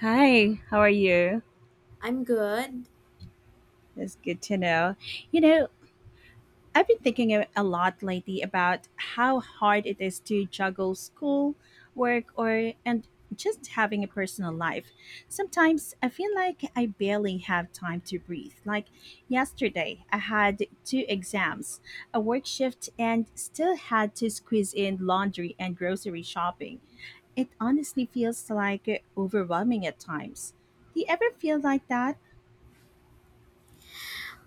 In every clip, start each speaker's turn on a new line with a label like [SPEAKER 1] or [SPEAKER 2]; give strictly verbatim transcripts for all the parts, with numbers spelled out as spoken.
[SPEAKER 1] Hi, how are you?
[SPEAKER 2] I'm good.
[SPEAKER 1] It's good to know. You know, I've been thinking a a lot lately about how hard it is to juggle school, work, or and just having a personal life. Sometimes I feel like I barely have time to breathe. Like yesterday, I had two exams, a work shift, and still had to squeeze in laundry and grocery shopping. It honestly feels like overwhelming at times. Do you ever feel like that?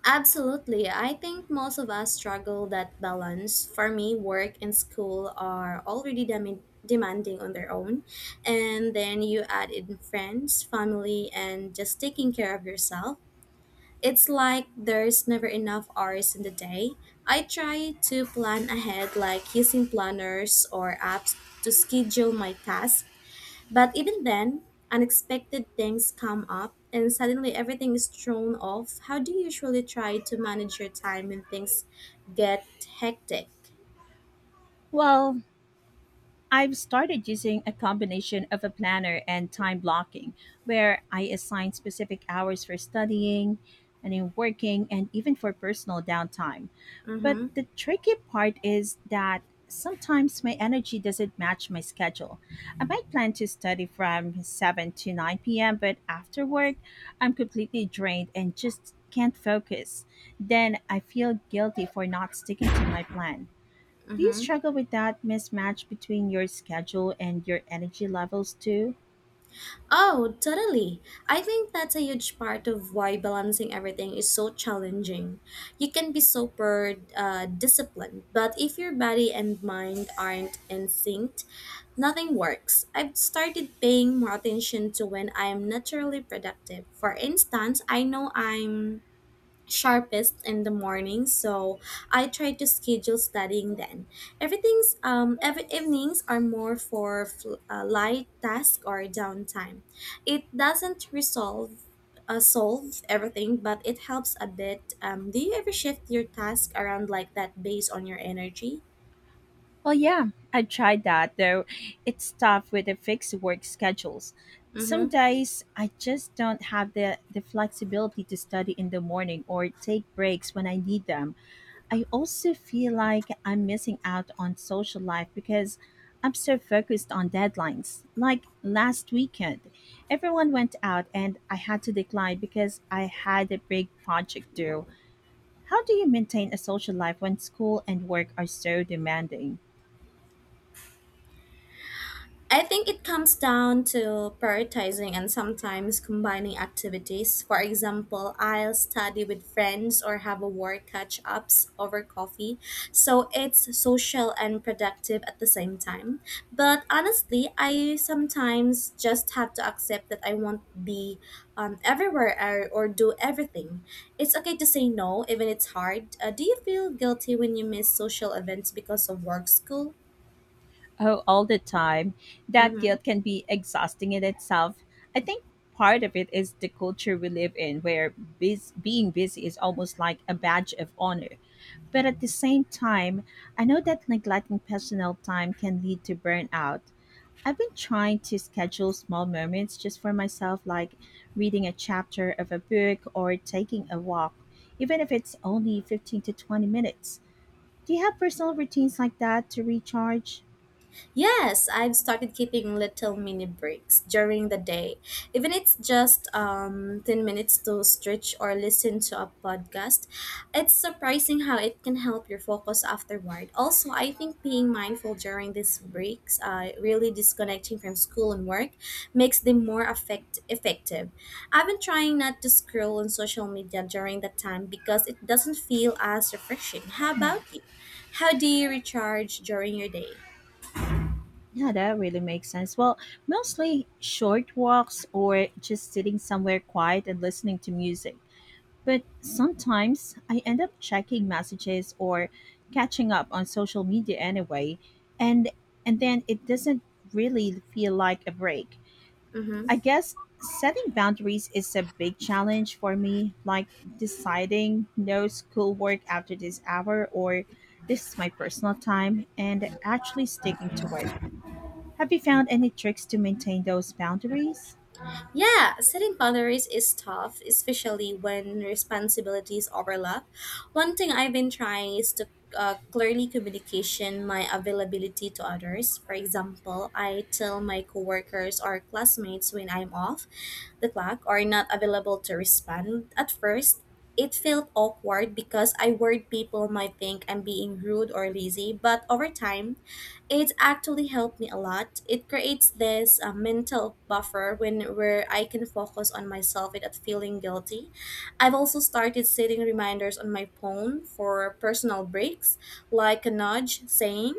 [SPEAKER 2] Absolutely. I think most of us struggle that balance. For me, work and school are already dem- demanding on their own. And then you add in friends, family, and just taking care of yourself. It's like there's never enough hours in the day. I try to plan ahead, like using planners or apps to schedule my tasks, but even then, unexpected things come up and suddenly everything is thrown off. How do you usually try to manage your time when things get hectic?
[SPEAKER 1] Well, I've started using a combination of a planner and time blocking, where I assign specific hours for studying and in working and even for personal downtime. But
[SPEAKER 2] Mm-hmm.
[SPEAKER 1] the tricky part is that sometimes my energy doesn't match my schedule. I might plan to study from seven to nine p m, but after work, I'm completely drained and just can't focus. Then I feel guilty for not sticking to my plan. Do you
[SPEAKER 2] Mm-hmm.
[SPEAKER 1] struggle with that mismatch between your schedule and your energy levels too?
[SPEAKER 2] Oh, totally. I think that's a huge part of why balancing everything is so challenging. You can be super uh, disciplined, but if your body and mind aren't in sync, nothing works. I've started paying more attention to when I am naturally productive. For instance, I know I'm sharpest in the morning, so I try to schedule studying then. Everything's um every evenings are more for fl- uh, light task or downtime. It doesn't resolve uh, solve everything, but it helps a bit. Um, do you ever shift your task around like that based on your energy?
[SPEAKER 1] Well, yeah, I tried that, though it's tough with the fixed work schedules. Some
[SPEAKER 2] Mm-hmm.
[SPEAKER 1] days I just don't have the, the flexibility to study in the morning or take breaks when I need them. I also feel like I'm missing out on social life because I'm so focused on deadlines. Like last weekend, everyone went out and I had to decline because I had a big project due. How do you maintain a social life when school and work are so demanding?
[SPEAKER 2] I think it comes down to prioritizing and sometimes combining activities. For example, I'll study with friends or have a work catch ups over coffee. So it's social and productive at the same time. But honestly, I sometimes just have to accept that I won't be um, everywhere or, or do everything. It's okay to say no, even it's hard. Uh, do you feel guilty when you miss social events because of work, school?
[SPEAKER 1] Oh, all the time. That
[SPEAKER 2] Mm-hmm.
[SPEAKER 1] guilt can be exhausting in itself. I think part of it is the culture we live in, where bus- being busy is almost like a badge of honor. But at the same time, I know that neglecting personal time can lead to burnout. I've been trying to schedule small moments just for myself, like reading a chapter of a book or taking a walk, even if it's only fifteen to twenty minutes. Do you have personal routines like that to recharge?
[SPEAKER 2] Yes, I've started keeping little mini breaks during the day. Even it's just um, ten minutes to stretch or listen to a podcast. It's surprising how it can help your focus afterward. Also, I think being mindful during these breaks, uh, really disconnecting from school and work, makes them more effect- effective. I've been trying not to scroll on social media during that time because it doesn't feel as refreshing. How
[SPEAKER 1] Hmm,
[SPEAKER 2] about you? How do you recharge during your day?
[SPEAKER 1] yeah, that really makes sense. Well, mostly short walks or just sitting somewhere quiet and listening to music. But sometimes I end up checking messages or catching up on social media anyway, and and then it doesn't really feel like a break.
[SPEAKER 2] Mm-hmm.
[SPEAKER 1] I guess setting boundaries is a big challenge for me, like deciding no schoolwork after this hour or this is my personal time and actually sticking to it. Have you found any tricks to maintain those boundaries?
[SPEAKER 2] Yeah, setting boundaries is tough, especially when responsibilities overlap. One thing I've been trying is to uh, clearly communication my availability to others. For example, I tell my coworkers or classmates when I'm off the clock or not available to respond. At first, it felt awkward because I worried people might think I'm being rude or lazy, but over time, it actually helped me a lot. It creates this uh, mental buffer when where I can focus on myself without feeling guilty. I've also started setting reminders on my phone for personal breaks, like a nudge saying,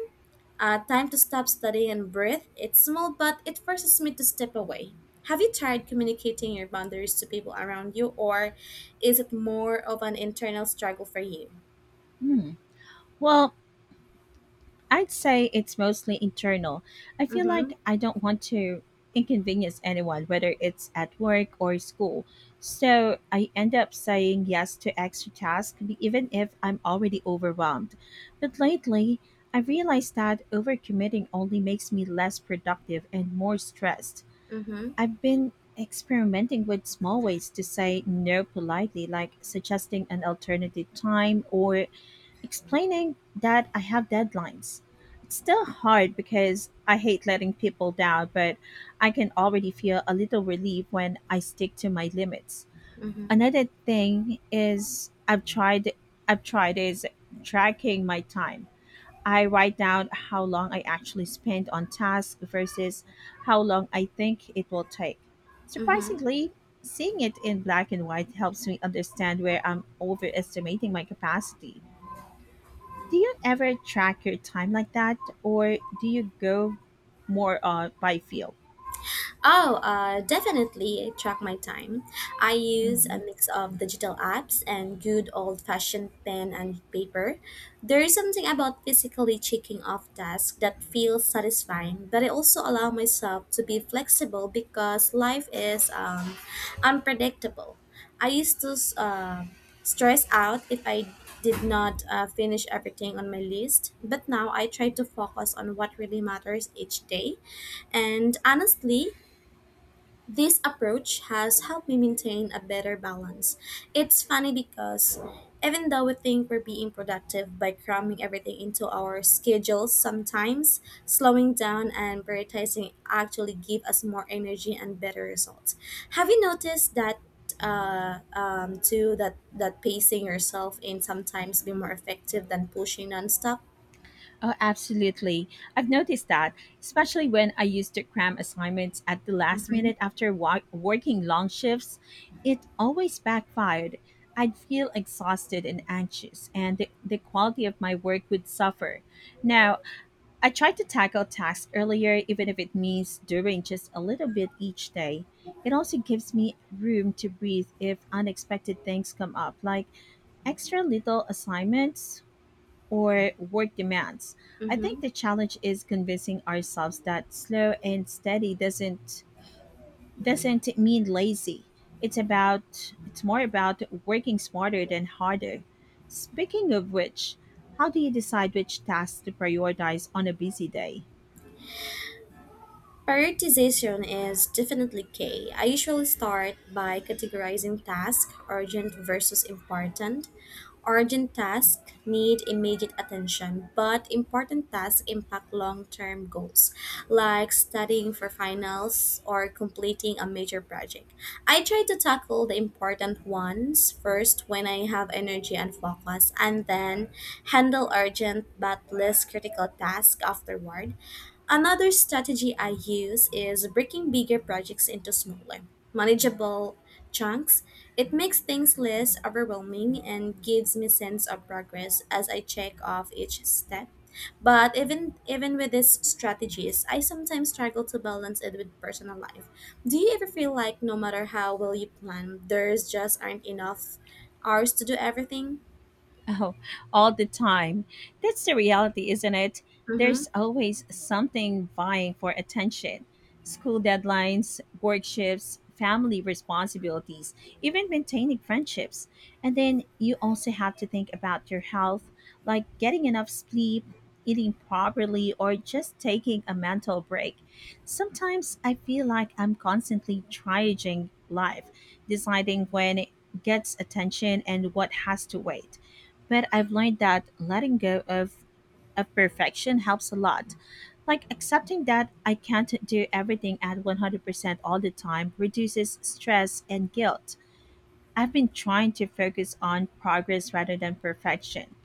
[SPEAKER 2] uh, "Time to stop studying and breathe." It's small, but it forces me to step away. Have you tried communicating your boundaries to people around you, or is it more of an internal struggle for you?
[SPEAKER 1] Hmm. Well, I'd say it's mostly internal. I feel
[SPEAKER 2] Mm-hmm.
[SPEAKER 1] like I don't want to inconvenience anyone, whether it's at work or school. So I end up saying yes to extra tasks, even if I'm already overwhelmed. But lately, I realized that overcommitting only makes me less productive and more stressed.
[SPEAKER 2] Mm-hmm.
[SPEAKER 1] I've been experimenting with small ways to say no politely, like suggesting an alternative time or explaining that I have deadlines. It's still hard because I hate letting people down, but I can already feel a little relief when I stick to my limits.
[SPEAKER 2] Mm-hmm.
[SPEAKER 1] Another thing is I've tried I've tried is tracking my time. I write down how long I actually spend on tasks versus how long I think it will take.
[SPEAKER 2] Mm-hmm.
[SPEAKER 1] Surprisingly, seeing it in black and white helps me understand where I'm overestimating my capacity. Do you ever track your time like that, or do you go more uh, by feel?
[SPEAKER 2] Oh, uh, definitely track my time. I use a
[SPEAKER 1] Hmm.
[SPEAKER 2] mix of digital apps and good old fashioned pen and paper. There is something about physically checking off tasks that feels satisfying, but I also allow myself to be flexible because life is um, unpredictable. I used to uh, stress out if I did not uh, finish everything on my list, but now I try to focus on what really matters each day. And honestly, this approach has helped me maintain a better balance. It's funny because even though we think we're being productive by cramming everything into our schedules, sometimes slowing down and prioritizing actually give us more energy and better results. Have you noticed that uh, um, too that that pacing yourself in sometimes be more effective than pushing nonstop?
[SPEAKER 1] Oh, absolutely. I've noticed that, especially when I used to cram assignments at the last
[SPEAKER 2] Mm-hmm.
[SPEAKER 1] minute after wa- working long shifts. It always backfired. I'd feel exhausted and anxious, and the, the quality of my work would suffer. Now, I try to tackle tasks earlier, even if it means doing just a little bit each day. It also gives me room to breathe if unexpected things come up, like extra little assignments or work demands. I think
[SPEAKER 2] Mm-hmm.
[SPEAKER 1] the challenge is convincing ourselves that slow and steady doesn't doesn't mean lazy. It's about it's more about working smarter than harder. Speaking of which, how do you decide which tasks to prioritize on a busy day?
[SPEAKER 2] Prioritization is definitely key. I usually start by categorizing tasks urgent versus important. Urgent tasks need immediate attention, but important tasks impact long term goals, like studying for finals or completing a major project. I try to tackle the important ones first when I have energy and focus, and then handle urgent but less critical tasks afterward. Another strategy I use is breaking bigger projects into smaller, manageable chunks. It makes things less overwhelming and gives me sense of progress as I check off each step. But even even with these strategies, I sometimes struggle to balance it with personal life. Do you ever feel like no matter how well you plan, there's just aren't enough hours to do everything?
[SPEAKER 1] Oh, all the time. That's the reality, isn't it?
[SPEAKER 2] Mm-hmm.
[SPEAKER 1] There's always something vying for attention. School deadlines, work shifts, family responsibilities, even maintaining friendships. And then you also have to think about your health, like getting enough sleep, eating properly, or just taking a mental break. Sometimes I feel like I'm constantly triaging life, deciding when it gets attention and what has to wait, but I've learned that letting go of, of perfection helps a lot. Like accepting that I can't do everything at one hundred percent all the time reduces stress and guilt. I've been trying to focus on progress rather than perfection.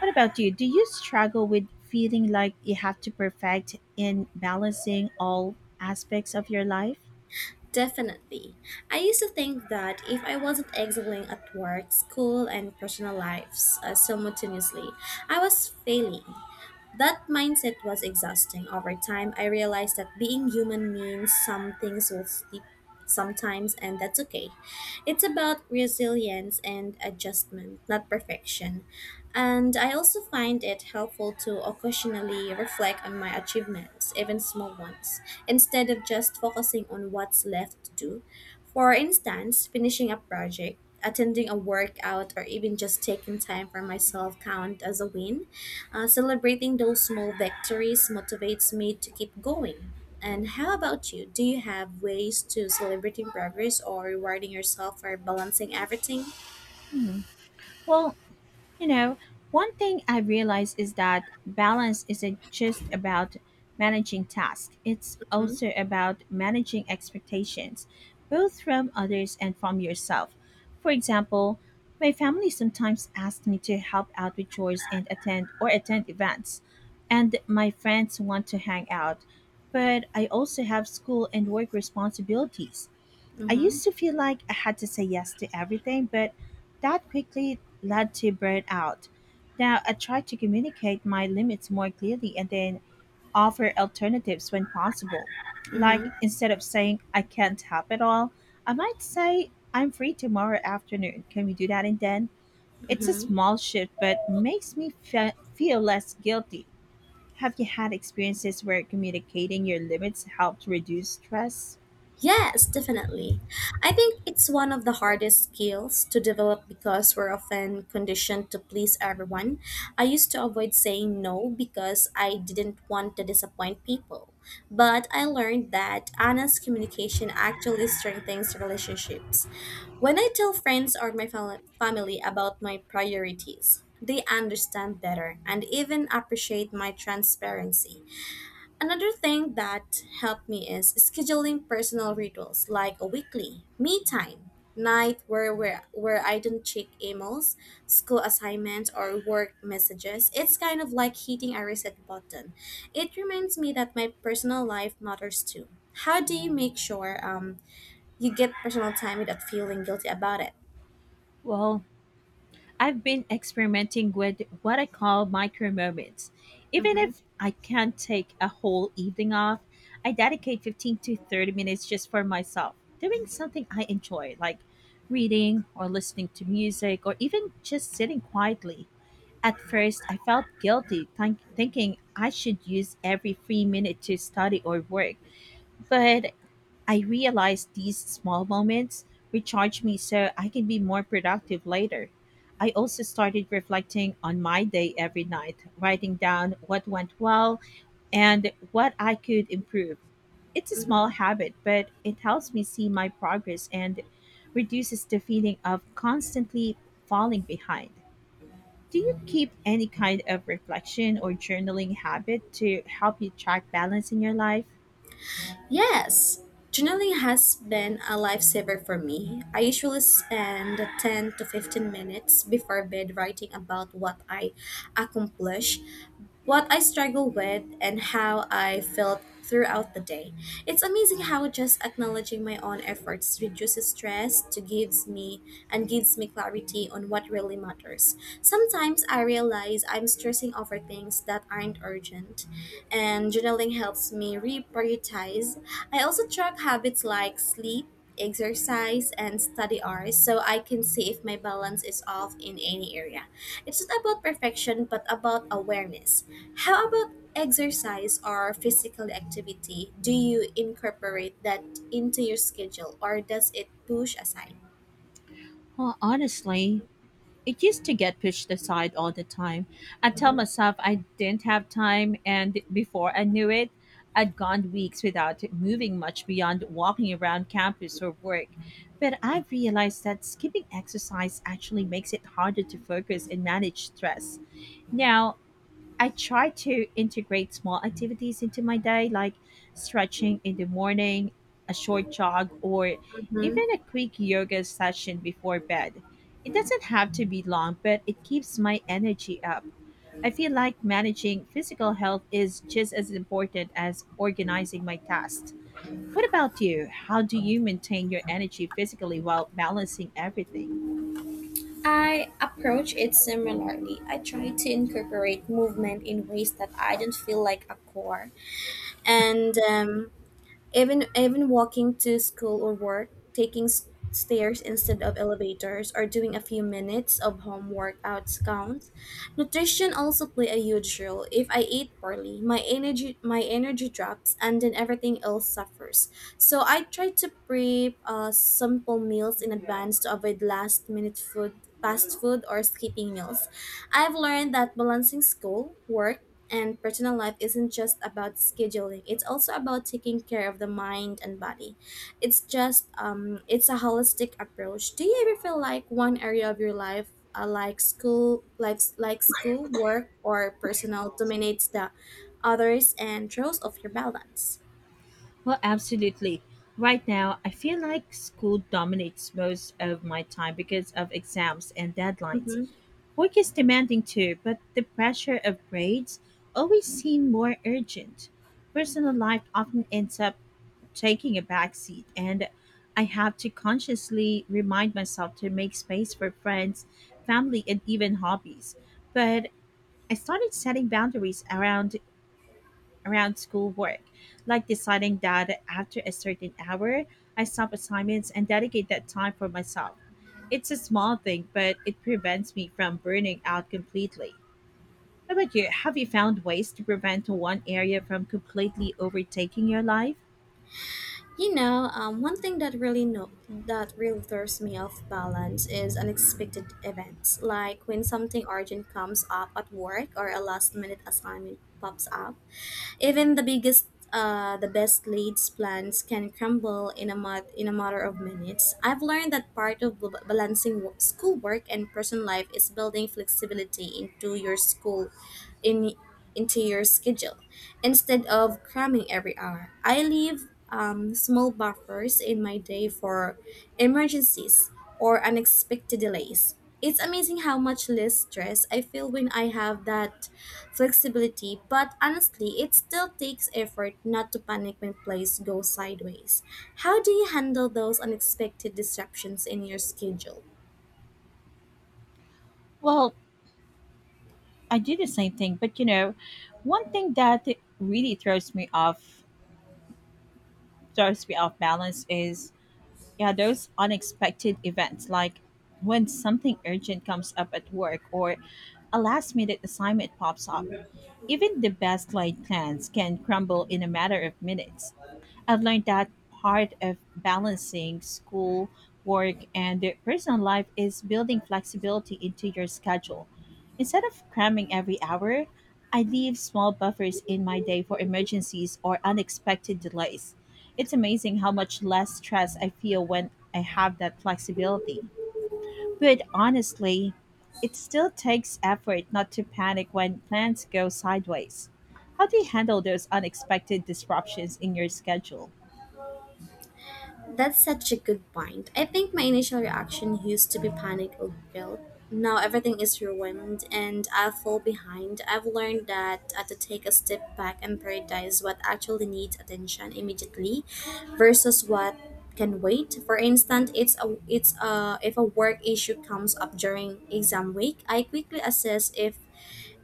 [SPEAKER 1] What about you? Do you struggle with feeling like you have to perfect in balancing all aspects of your life?
[SPEAKER 2] Definitely. I used to think that if I wasn't excelling at work, school, and personal lives uh, simultaneously, I was failing. That mindset was exhausting. Over time, I realized that being human means some things will slip sometimes, and that's okay. It's about resilience and adjustment, not perfection. And I also find it helpful to occasionally reflect on my achievements, even small ones, instead of just focusing on what's left to do. For instance, finishing a project, attending a workout, or even just taking time for myself count as a win. Uh, celebrating those small victories motivates me to keep going. And how about you? Do you have ways to celebrating progress or rewarding yourself for balancing everything?
[SPEAKER 1] Hmm. Well, You know, one thing I've realized is that balance isn't just about managing tasks, it's
[SPEAKER 2] Mm-hmm.
[SPEAKER 1] also about managing expectations, both from others and from yourself. For example, my family sometimes asks me to help out with chores and attend or attend events, and my friends want to hang out, but I also have school and work responsibilities. I
[SPEAKER 2] Mm-hmm.
[SPEAKER 1] used to feel like I had to say yes to everything, but that quickly led to burnout. Now I try to communicate my limits more clearly and then offer alternatives when possible. Like
[SPEAKER 2] Mm-hmm.
[SPEAKER 1] instead of saying I can't help at all, I might say I'm free tomorrow afternoon. Can we do that and then? It's a
[SPEAKER 2] Mm-hmm.
[SPEAKER 1] small shift, but makes me fe- feel less guilty. Have you had experiences where communicating your limits helped reduce stress?
[SPEAKER 2] Yes, definitely. I think it's one of the hardest skills to develop because we're often conditioned to please everyone. I used to avoid saying no because I didn't want to disappoint people. But I learned that honest communication actually strengthens relationships. When I tell friends or my fam- family about my priorities, they understand better and even appreciate my transparency. Another thing that helped me is scheduling personal rituals like a weekly me time night where where, where I don't check emails, school assignments or work messages. It's kind of like hitting a reset button. It reminds me that my personal life matters too. How do you make sure um, you get personal time without feeling guilty about it?
[SPEAKER 1] Well, I've been experimenting with what I call micro moments. Even
[SPEAKER 2] Mm-hmm.
[SPEAKER 1] if I can't take a whole evening off, I dedicate fifteen to thirty minutes just for myself, doing something I enjoy, like reading or listening to music or even just sitting quietly. At first, I felt guilty think- thinking I should use every free minute to study or work, but I realize these small moments recharge me so I can be more productive later. I also started reflecting on my day every night, writing down what went well and what I could improve. It's a small
[SPEAKER 2] Mm-hmm.
[SPEAKER 1] habit, but it helps me see my progress and reduces the feeling of constantly falling behind. Do you keep any kind of reflection or journaling habit to help you track balance in your life?
[SPEAKER 2] Yes, journaling has been a lifesaver for me. I usually spend ten to fifteen minutes before bed writing about what I accomplished, what I struggle with, and how I felt throughout the day. It's amazing how just acknowledging my own efforts reduces stress to gives me and gives me clarity on what really matters. Sometimes I realize I'm stressing over things that aren't urgent, and journaling helps me reprioritize. I also track habits like sleep, exercise, and study hours so I can see if my balance is off in any area. It's not about perfection, but about awareness. How about exercise or physical activity? Do you incorporate that into your schedule or does it push aside?
[SPEAKER 1] Well, honestly, it used to get pushed aside all the time. I tell
[SPEAKER 2] Mhm.
[SPEAKER 1] myself I didn't have time, and before I knew it, I'd gone weeks without moving much beyond walking around campus or work. But I've realized that skipping exercise actually makes it harder to focus and manage stress. Now, I try to integrate small activities into my day, like stretching in the morning, a short jog, or
[SPEAKER 2] Mhm.
[SPEAKER 1] even a quick yoga session before bed. It doesn't have to be long, but it keeps my energy up. I feel like managing physical health is just as important as organizing my tasks. What about you? How do you maintain your energy physically while balancing everything?
[SPEAKER 2] I approach it similarly. I try to incorporate movement in ways that I don't feel like a chore, and um, Even even walking to school or work, taking s- stairs instead of elevators, or doing a few minutes of home workouts counts. Nutrition also play a huge role. If I eat poorly, my energy my energy drops, and then everything else suffers. So I try to prep uh, simple meals in advance to avoid last minute food, fast food, or skipping meals. I've learned that balancing school, work, and personal life isn't just about scheduling. It's also about taking care of the mind and body. It's just um it's a holistic approach. Do you ever feel like one area of your life uh, like school like like school work or personal dominates the others and throws off your balance?
[SPEAKER 1] Well, absolutely. Right now, I feel like school dominates most of my time because of exams and deadlines.
[SPEAKER 2] Mm-hmm.
[SPEAKER 1] Work is demanding too, but the pressure of grades always seem more urgent. Personal life often ends up taking a backseat, and I have to consciously remind myself to make space for friends, family, and even hobbies. But I started setting boundaries around around school work, like deciding that after a certain hour, I stop assignments and dedicate that time for myself. It's a small thing, but it prevents me from burning out completely. How about you? Have you found ways to prevent one area from completely overtaking your life?
[SPEAKER 2] You know, um, one thing that really no that really throws me off balance is unexpected events, like when something urgent comes up at work or a last minute assignment pops up. Even the biggest uh, the best leads plans can crumble in a mat- in a matter of minutes. I've learned that part of b- balancing wo- schoolwork and personal life is building flexibility into your school in into your schedule instead of cramming every hour. I leave um, small buffers in my day for emergencies or unexpected delays. It's amazing how much less stress I feel when I have that flexibility, but honestly, it still takes effort not to panic when plays go sideways. How do you handle those unexpected disruptions in your schedule?
[SPEAKER 1] Well, I do the same thing, but you know, one thing that really throws me off throws me off balance is yeah, those unexpected events like when something urgent comes up at work or a last minute assignment pops up, even the best laid plans can crumble in a matter of minutes. I've learned that part of balancing school, work, and the personal life is building flexibility into your schedule. Instead of cramming every hour, I leave small buffers in my day for emergencies or unexpected delays. It's amazing how much less stress I feel when I have that flexibility. But honestly, it still takes effort not to panic when plans go sideways. How do you handle those unexpected disruptions in your schedule?
[SPEAKER 2] That's such a good point. I think my initial reaction used to be panic or guilt. Now everything is ruined and I fall behind. I've learned that I have to take a step back and prioritize what actually needs attention immediately versus what can wait. For instance, it's a it's a if a work issue comes up during exam week, I quickly assess if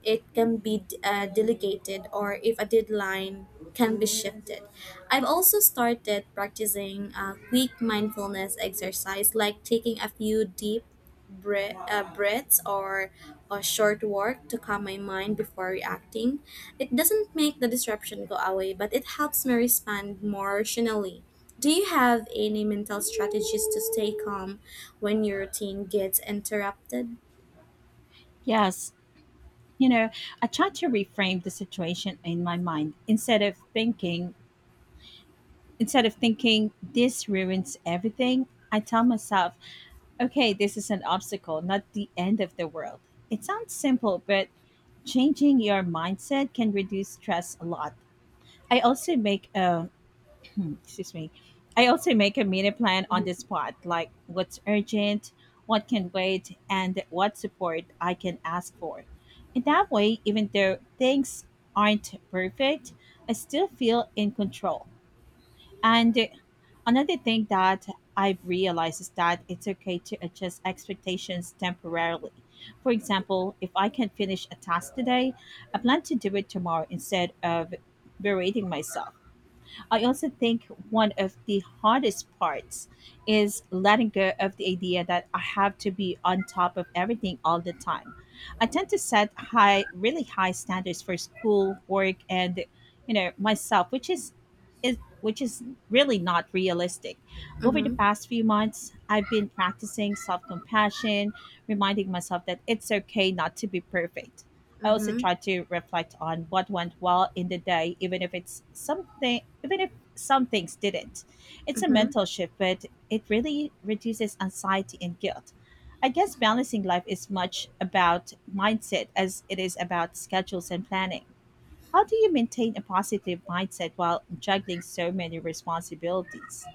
[SPEAKER 2] it can be uh, delegated or if a deadline can be shifted. I've also started practicing uh, quick mindfulness exercise like taking a few deep bre- uh, breaths or a short walk to calm my mind before reacting. It doesn't make the disruption go away, but it helps me respond more rationally. Do you have any mental strategies to stay calm when your routine gets interrupted?
[SPEAKER 1] Yes, you know, I try to reframe the situation in my mind instead of thinking instead of thinking this ruins everything. I tell myself, okay, this is an obstacle, not the end of the world. It sounds simple, but changing your mindset can reduce stress a lot. I also make a excuse me. I also make a mini plan on the spot, like what's urgent, what can wait, and what support I can ask for. In that way, even though things aren't perfect, I still feel in control. And another thing that I've realized is that it's okay to adjust expectations temporarily. For example, if I can finish a task today, I plan to do it tomorrow instead of berating myself. I also think one of the hardest parts is letting go of the idea that I have to be on top of everything all the time. I tend to set high, really high standards for school, work, and you know myself, which is is which is really not realistic. Over the
[SPEAKER 2] Mm-hmm.
[SPEAKER 1] past few months, I've been practicing self compassion, reminding myself that it's okay not to be perfect. I also
[SPEAKER 2] Mm-hmm.
[SPEAKER 1] try to reflect on what went well in the day, even if it's something, even if some things didn't. It's a
[SPEAKER 2] Mm-hmm.
[SPEAKER 1] mental shift, but it really reduces anxiety and guilt. I guess balancing life is much about mindset as it is about schedules and planning. How do you maintain a positive mindset while juggling so many responsibilities?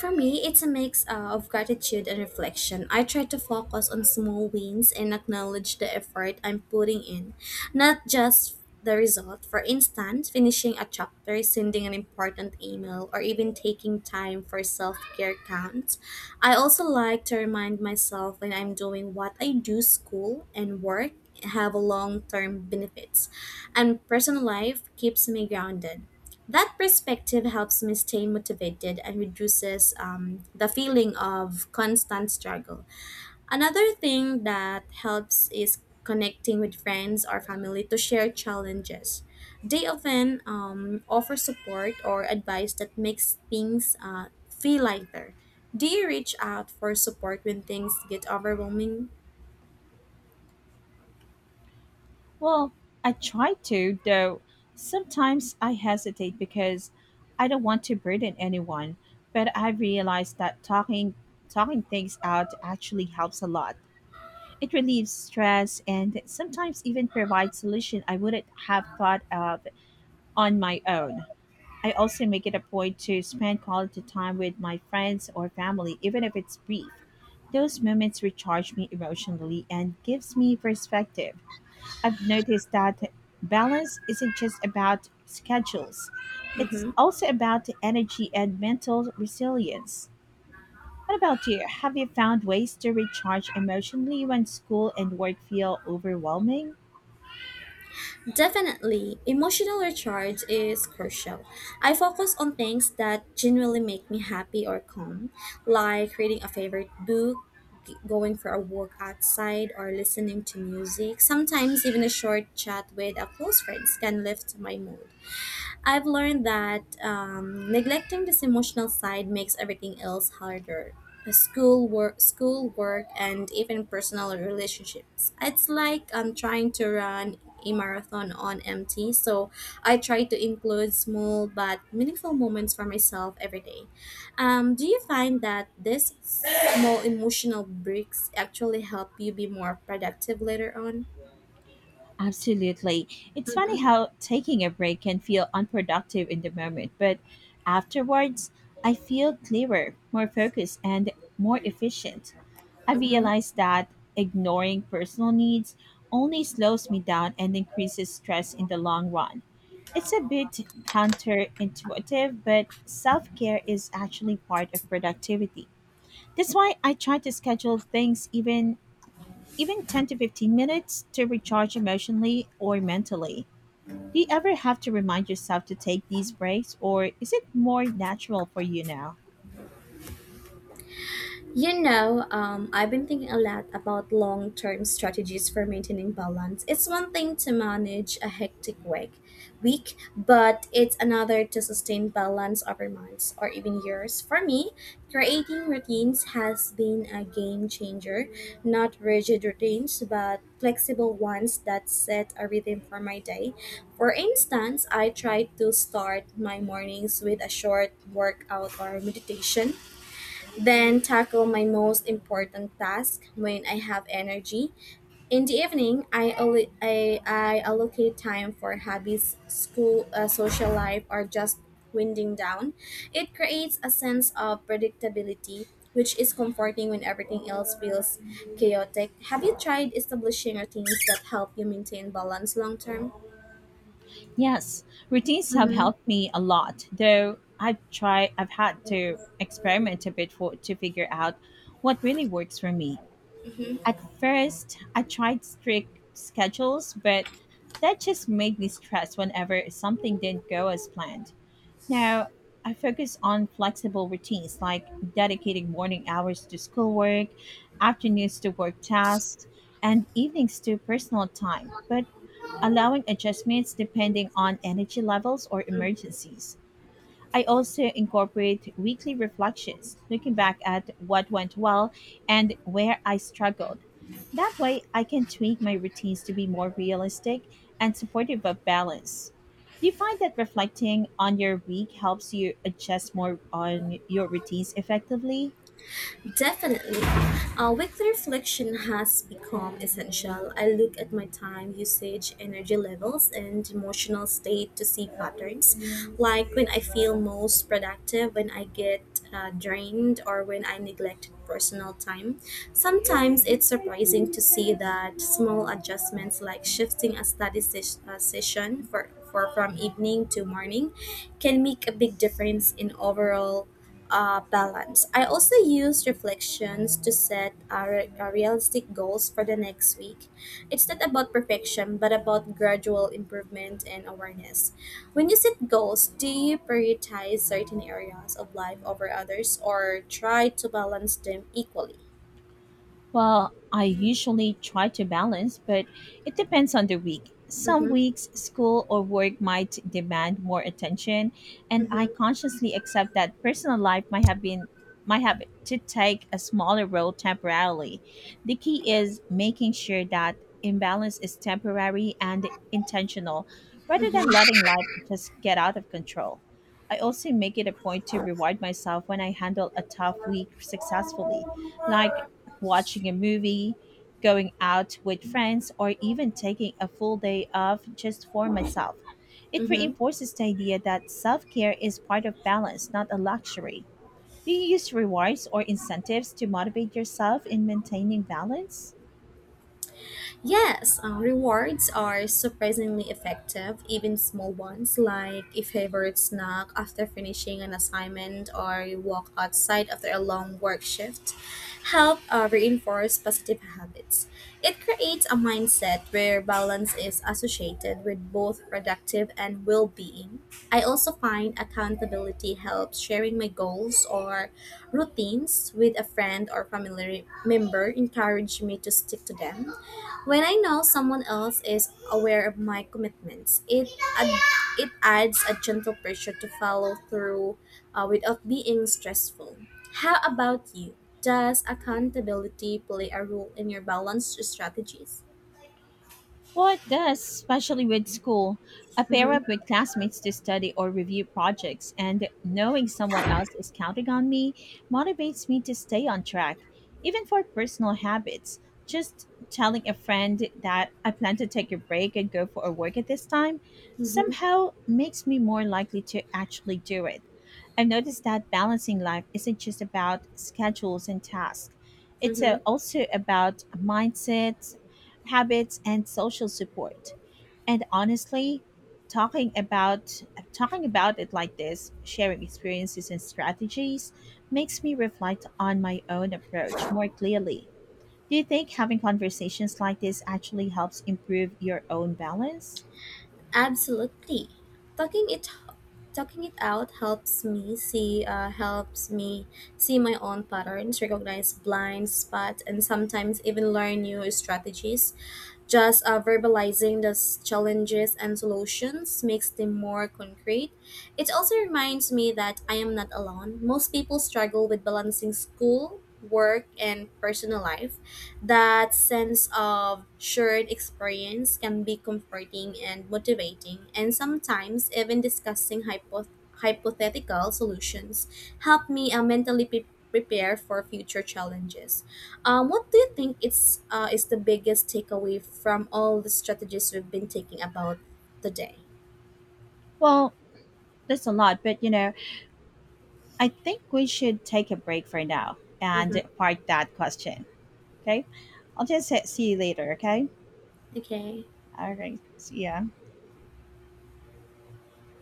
[SPEAKER 2] For me, it's a mix uh, of gratitude and reflection. I try to focus on small wins and acknowledge the effort I'm putting in, not just the result. For instance, finishing a chapter, sending an important email, or even taking time for self care counts. I also like to remind myself when I'm doing what I do, school and work have long term benefits, and personal life keeps me grounded. That perspective helps me stay motivated and reduces um, the feeling of constant struggle. Another thing that helps is connecting with friends or family to share challenges. They often um, offer support or advice that makes things uh, feel lighter. Do you reach out for support when things get overwhelming?
[SPEAKER 1] Well, I try to, though sometimes I hesitate because I don't want to burden anyone, but I realized that talking talking things out actually helps a lot. It relieves stress and sometimes even provides solution I wouldn't have thought of on my own. I also make it a point to spend quality time with my friends or family even if it's brief. Those moments recharge me emotionally and gives me perspective. I've noticed that balance isn't just about schedules. It's
[SPEAKER 2] Mhm.
[SPEAKER 1] also about energy and mental resilience. What about you? Have you found ways to recharge emotionally when school and work feel overwhelming?
[SPEAKER 2] Definitely, emotional recharge is crucial. I focus on things that genuinely make me happy or calm, like reading a favorite book, g- going for a walk outside, or listening to music. Sometimes, even a short chat with a close friend can lift my mood. I've learned that um, neglecting this emotional side makes everything else harder. Uh, School work, school work, and even personal relationships. It's like I'm trying to run a marathon on empty. So I try to include small but meaningful moments for myself every day. Um, do you find that these small emotional breaks actually help you be more productive later on?
[SPEAKER 1] Absolutely. It's funny
[SPEAKER 2] Mm-hmm,
[SPEAKER 1] how taking a break can feel unproductive in the moment, but afterwards, I feel clearer, more focused, and more efficient. I
[SPEAKER 2] mm-hmm.
[SPEAKER 1] realized that ignoring personal needs only slows me down and increases stress in the long run. It's a bit counterintuitive, but self care is actually part of productivity. That's why I try to schedule things even even ten to fifteen minutes to recharge emotionally or mentally. Do you ever have to remind yourself to take these breaks, or is it more natural for you now?
[SPEAKER 2] You know, um, I've been thinking a lot about long term strategies for maintaining balance. It's one thing to manage a hectic week, week, but it's another to sustain balance over months or even years. For me, creating routines has been a game changer. Not rigid routines, but flexible ones that set a rhythm for my day. For instance, I try to start my mornings with a short workout or meditation then tackle my most important task when I have energy. In the evening, I, allo- I, I allocate time for hobbies, school, uh, social life, or just winding down. It creates a sense of predictability, which is comforting when everything else feels chaotic. Have you tried establishing routines that help you maintain balance long term?
[SPEAKER 1] Yes, routines have
[SPEAKER 2] Mm-hmm.
[SPEAKER 1] helped me a lot, though I've tried, I've had to experiment a bit for, to figure out what really works for me. At first, I tried strict schedules, but that just made me stressed whenever something didn't go as planned. Now, I focus on flexible routines like dedicating morning hours to schoolwork, afternoons to work tasks, and evenings to personal time, but allowing adjustments depending on energy levels or
[SPEAKER 2] Mm-hmm.
[SPEAKER 1] emergencies. I also incorporate weekly reflections, looking back at what went well and where I struggled. That way, I can tweak my routines to be more realistic and supportive of balance. Do you find that reflecting on your week helps you adjust more on your routines effectively?
[SPEAKER 2] Definitely. Uh, weekly reflection has become essential. I look at my time usage, energy levels, and emotional state to see patterns, like when I feel most productive, when I get uh, drained, or when I neglect personal time. Sometimes it's surprising to see that small adjustments, like shifting a study ses- uh, session for, for from evening to morning, can make a big difference in overall uh, balance. I also use reflections to set uh, re- uh, realistic goals for the next week. It's not about perfection, but about gradual improvement and awareness. When you set goals, do you prioritize certain areas of life over others or try to balance them equally?
[SPEAKER 1] Well, I usually try to balance, but it depends on the week. Some
[SPEAKER 2] Mm-hmm,
[SPEAKER 1] weeks, school or work might demand more attention, and I
[SPEAKER 2] mm-hmm,
[SPEAKER 1] consciously accept that personal life might have been might have to take a smaller role temporarily. The key is making sure that imbalance is temporary and intentional rather than
[SPEAKER 2] mm-hmm,
[SPEAKER 1] letting life just get out of control. I also make it a point to reward myself when I handle a tough week successfully, like watching a movie, going out with friends, or even taking a full day off just for myself. It
[SPEAKER 2] mm-hmm.
[SPEAKER 1] reinforces the idea that self care is part of balance, not a luxury. Do you use rewards or incentives to motivate yourself in maintaining balance?
[SPEAKER 2] Yes, uh, rewards are surprisingly effective, even small ones like a favorite snack after finishing an assignment or a walk outside after a long work shift help uh, reinforce positive habits. It creates a mindset where balance is associated with both productive and well-being. I also find accountability helps sharing my goals or routines with a friend or family member encourage me to stick to them when I know someone else is aware of my commitments, it ad- it adds a gentle pressure to follow through uh, without being stressful. How about you? Does accountability play a role in your balanced strategies?
[SPEAKER 1] Well, it does, especially with school. I pair up
[SPEAKER 2] Mm-hmm.
[SPEAKER 1] with classmates to study or review projects, and knowing someone else is counting on me motivates me to stay on track, even for personal habits. Just telling a friend that I plan to take a break and go for a walk at this time
[SPEAKER 2] Mm-hmm.
[SPEAKER 1] somehow makes me more likely to actually do it. I've noticed that balancing life isn't just about schedules and tasks. It's uh,
[SPEAKER 2] Mm-hmm.
[SPEAKER 1] also about mindsets, habits, and social support. And honestly, talking about talking about it like this, sharing experiences and strategies, makes me reflect on my own approach more clearly. Do you think having conversations like this actually helps improve your own balance?
[SPEAKER 2] Absolutely. Talking it Talking it out helps me see uh, helps me see my own patterns, recognize blind spots, and sometimes even learn new strategies. Just uh, verbalizing the s- challenges and solutions makes them more concrete. It also reminds me that I am not alone. Most people struggle with balancing school, work, and personal life. That sense of shared experience can be comforting and motivating, and sometimes even discussing hypo- hypothetical solutions help me uh, mentally pre- prepare for future challenges. Um, what do you think it's uh, is the biggest takeaway from all the strategies we've been taking about today?
[SPEAKER 1] Well, there's a lot, but you know, I think we should take a break for now and
[SPEAKER 2] Mm-hmm.
[SPEAKER 1] park that question. Okay. I'll just say, see you later. Okay.
[SPEAKER 2] Okay.
[SPEAKER 1] All right. See ya.